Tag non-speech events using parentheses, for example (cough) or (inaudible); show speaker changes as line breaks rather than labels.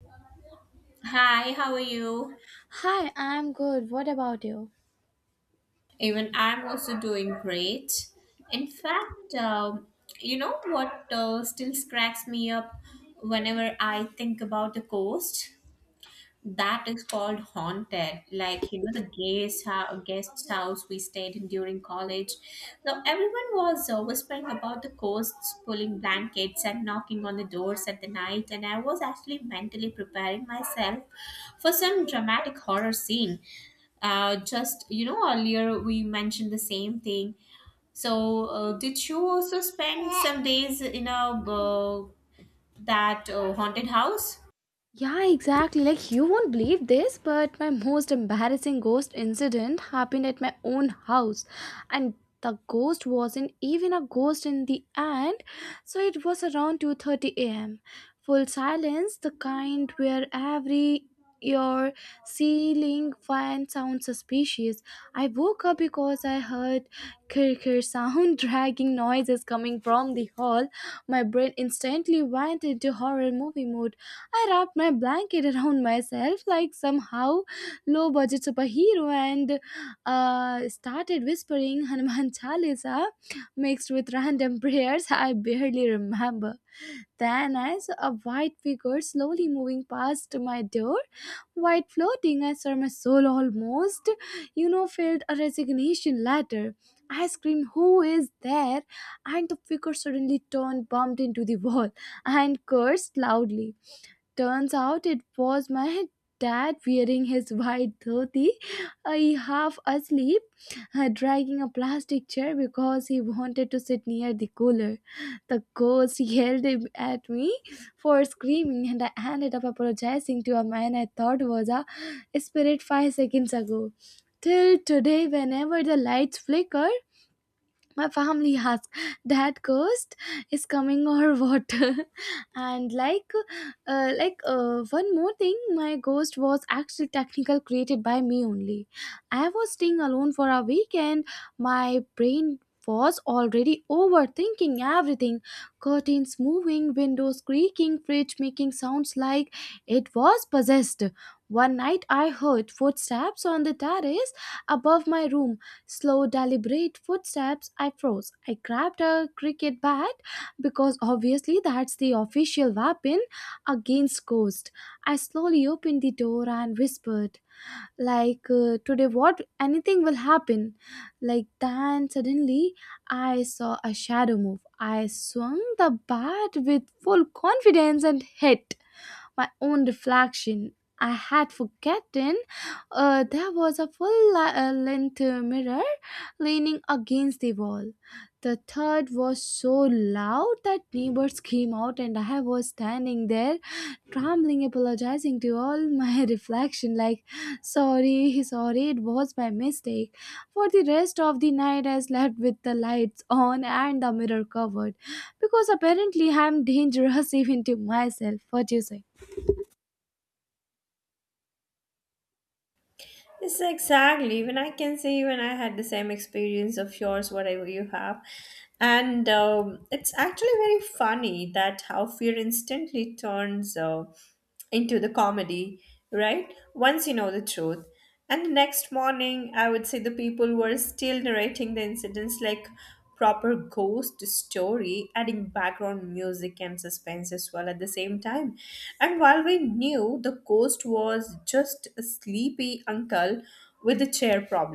Hi, how are you?
Hi, I'm good. What about you?
Even I'm also doing great. In fact, you know what still cracks me up whenever I think about the coast? That is called haunted. Like you know, the guest house we stayed in during college. So everyone was whispering about the ghosts, pulling blankets and knocking on the doors at the night. And I was actually mentally preparing myself for some dramatic horror scene. Just you know, earlier we mentioned the same thing. So, did you also spend some days in a that haunted house?
Yeah, exactly. Like, you won't believe this, but my most embarrassing ghost incident happened at my own house. And the ghost wasn't even a ghost in the end, so it was around 2:30 a.m. Full silence, the kind where every your ceiling fan sounds suspicious. I woke up because I heard kirkir sound (laughs) dragging noises coming from the hall. My brain instantly went into horror movie mode. I wrapped my blanket around myself like somehow low budget superhero and started whispering Hanuman Chalisa mixed with random (laughs) prayers I barely remember. Then, as a white figure slowly moving past my door, white floating, I saw my soul almost, you know, filled a resignation letter. I screamed, "Who is there?" And the figure suddenly turned, bumped into the wall, and cursed loudly. Turns out it was my dad wearing his white dhoti, I half asleep, dragging a plastic chair because he wanted to sit near the cooler. The ghost yelled at me for screaming, and I ended up apologizing to a man I thought was a spirit 5 seconds ago. Till today, whenever the lights flicker, my family (laughs) asked, "Dad ghost is coming or what?" (laughs) And like, one more thing, my ghost was actually technical created by me only. I was staying alone for a weekend. My brain was already overthinking everything. Curtains moving, windows creaking, fridge making sounds like it was possessed. One night I heard footsteps on the terrace above my room, slow, deliberate footsteps. I froze. I grabbed a cricket bat because obviously that's the official weapon against ghosts. I slowly opened the door and whispered, like, "Today what? Anything will happen." Like, then suddenly I saw a shadow move. I swung the bat with full confidence and hit my own reflection. I had forgotten there was a full length mirror leaning against the wall. The third was so loud that neighbors came out, and I was standing there, trembling, apologizing to all my (laughs) reflection, like, "Sorry, sorry, it was my mistake." For the rest of the night, I slept with the lights on and the mirror covered, because apparently I'm dangerous (laughs) even to myself. What do you say?
Yes, exactly. Even I can say, even I had the same experience of yours, whatever you have. And it's actually very funny that how fear instantly turns into the comedy, right? Once you know the truth. And the next morning, I would say the people were still narrating the incidents like proper ghost story, adding background music and suspense as well at the same time. And while we knew the ghost was just a sleepy uncle with a chair problem,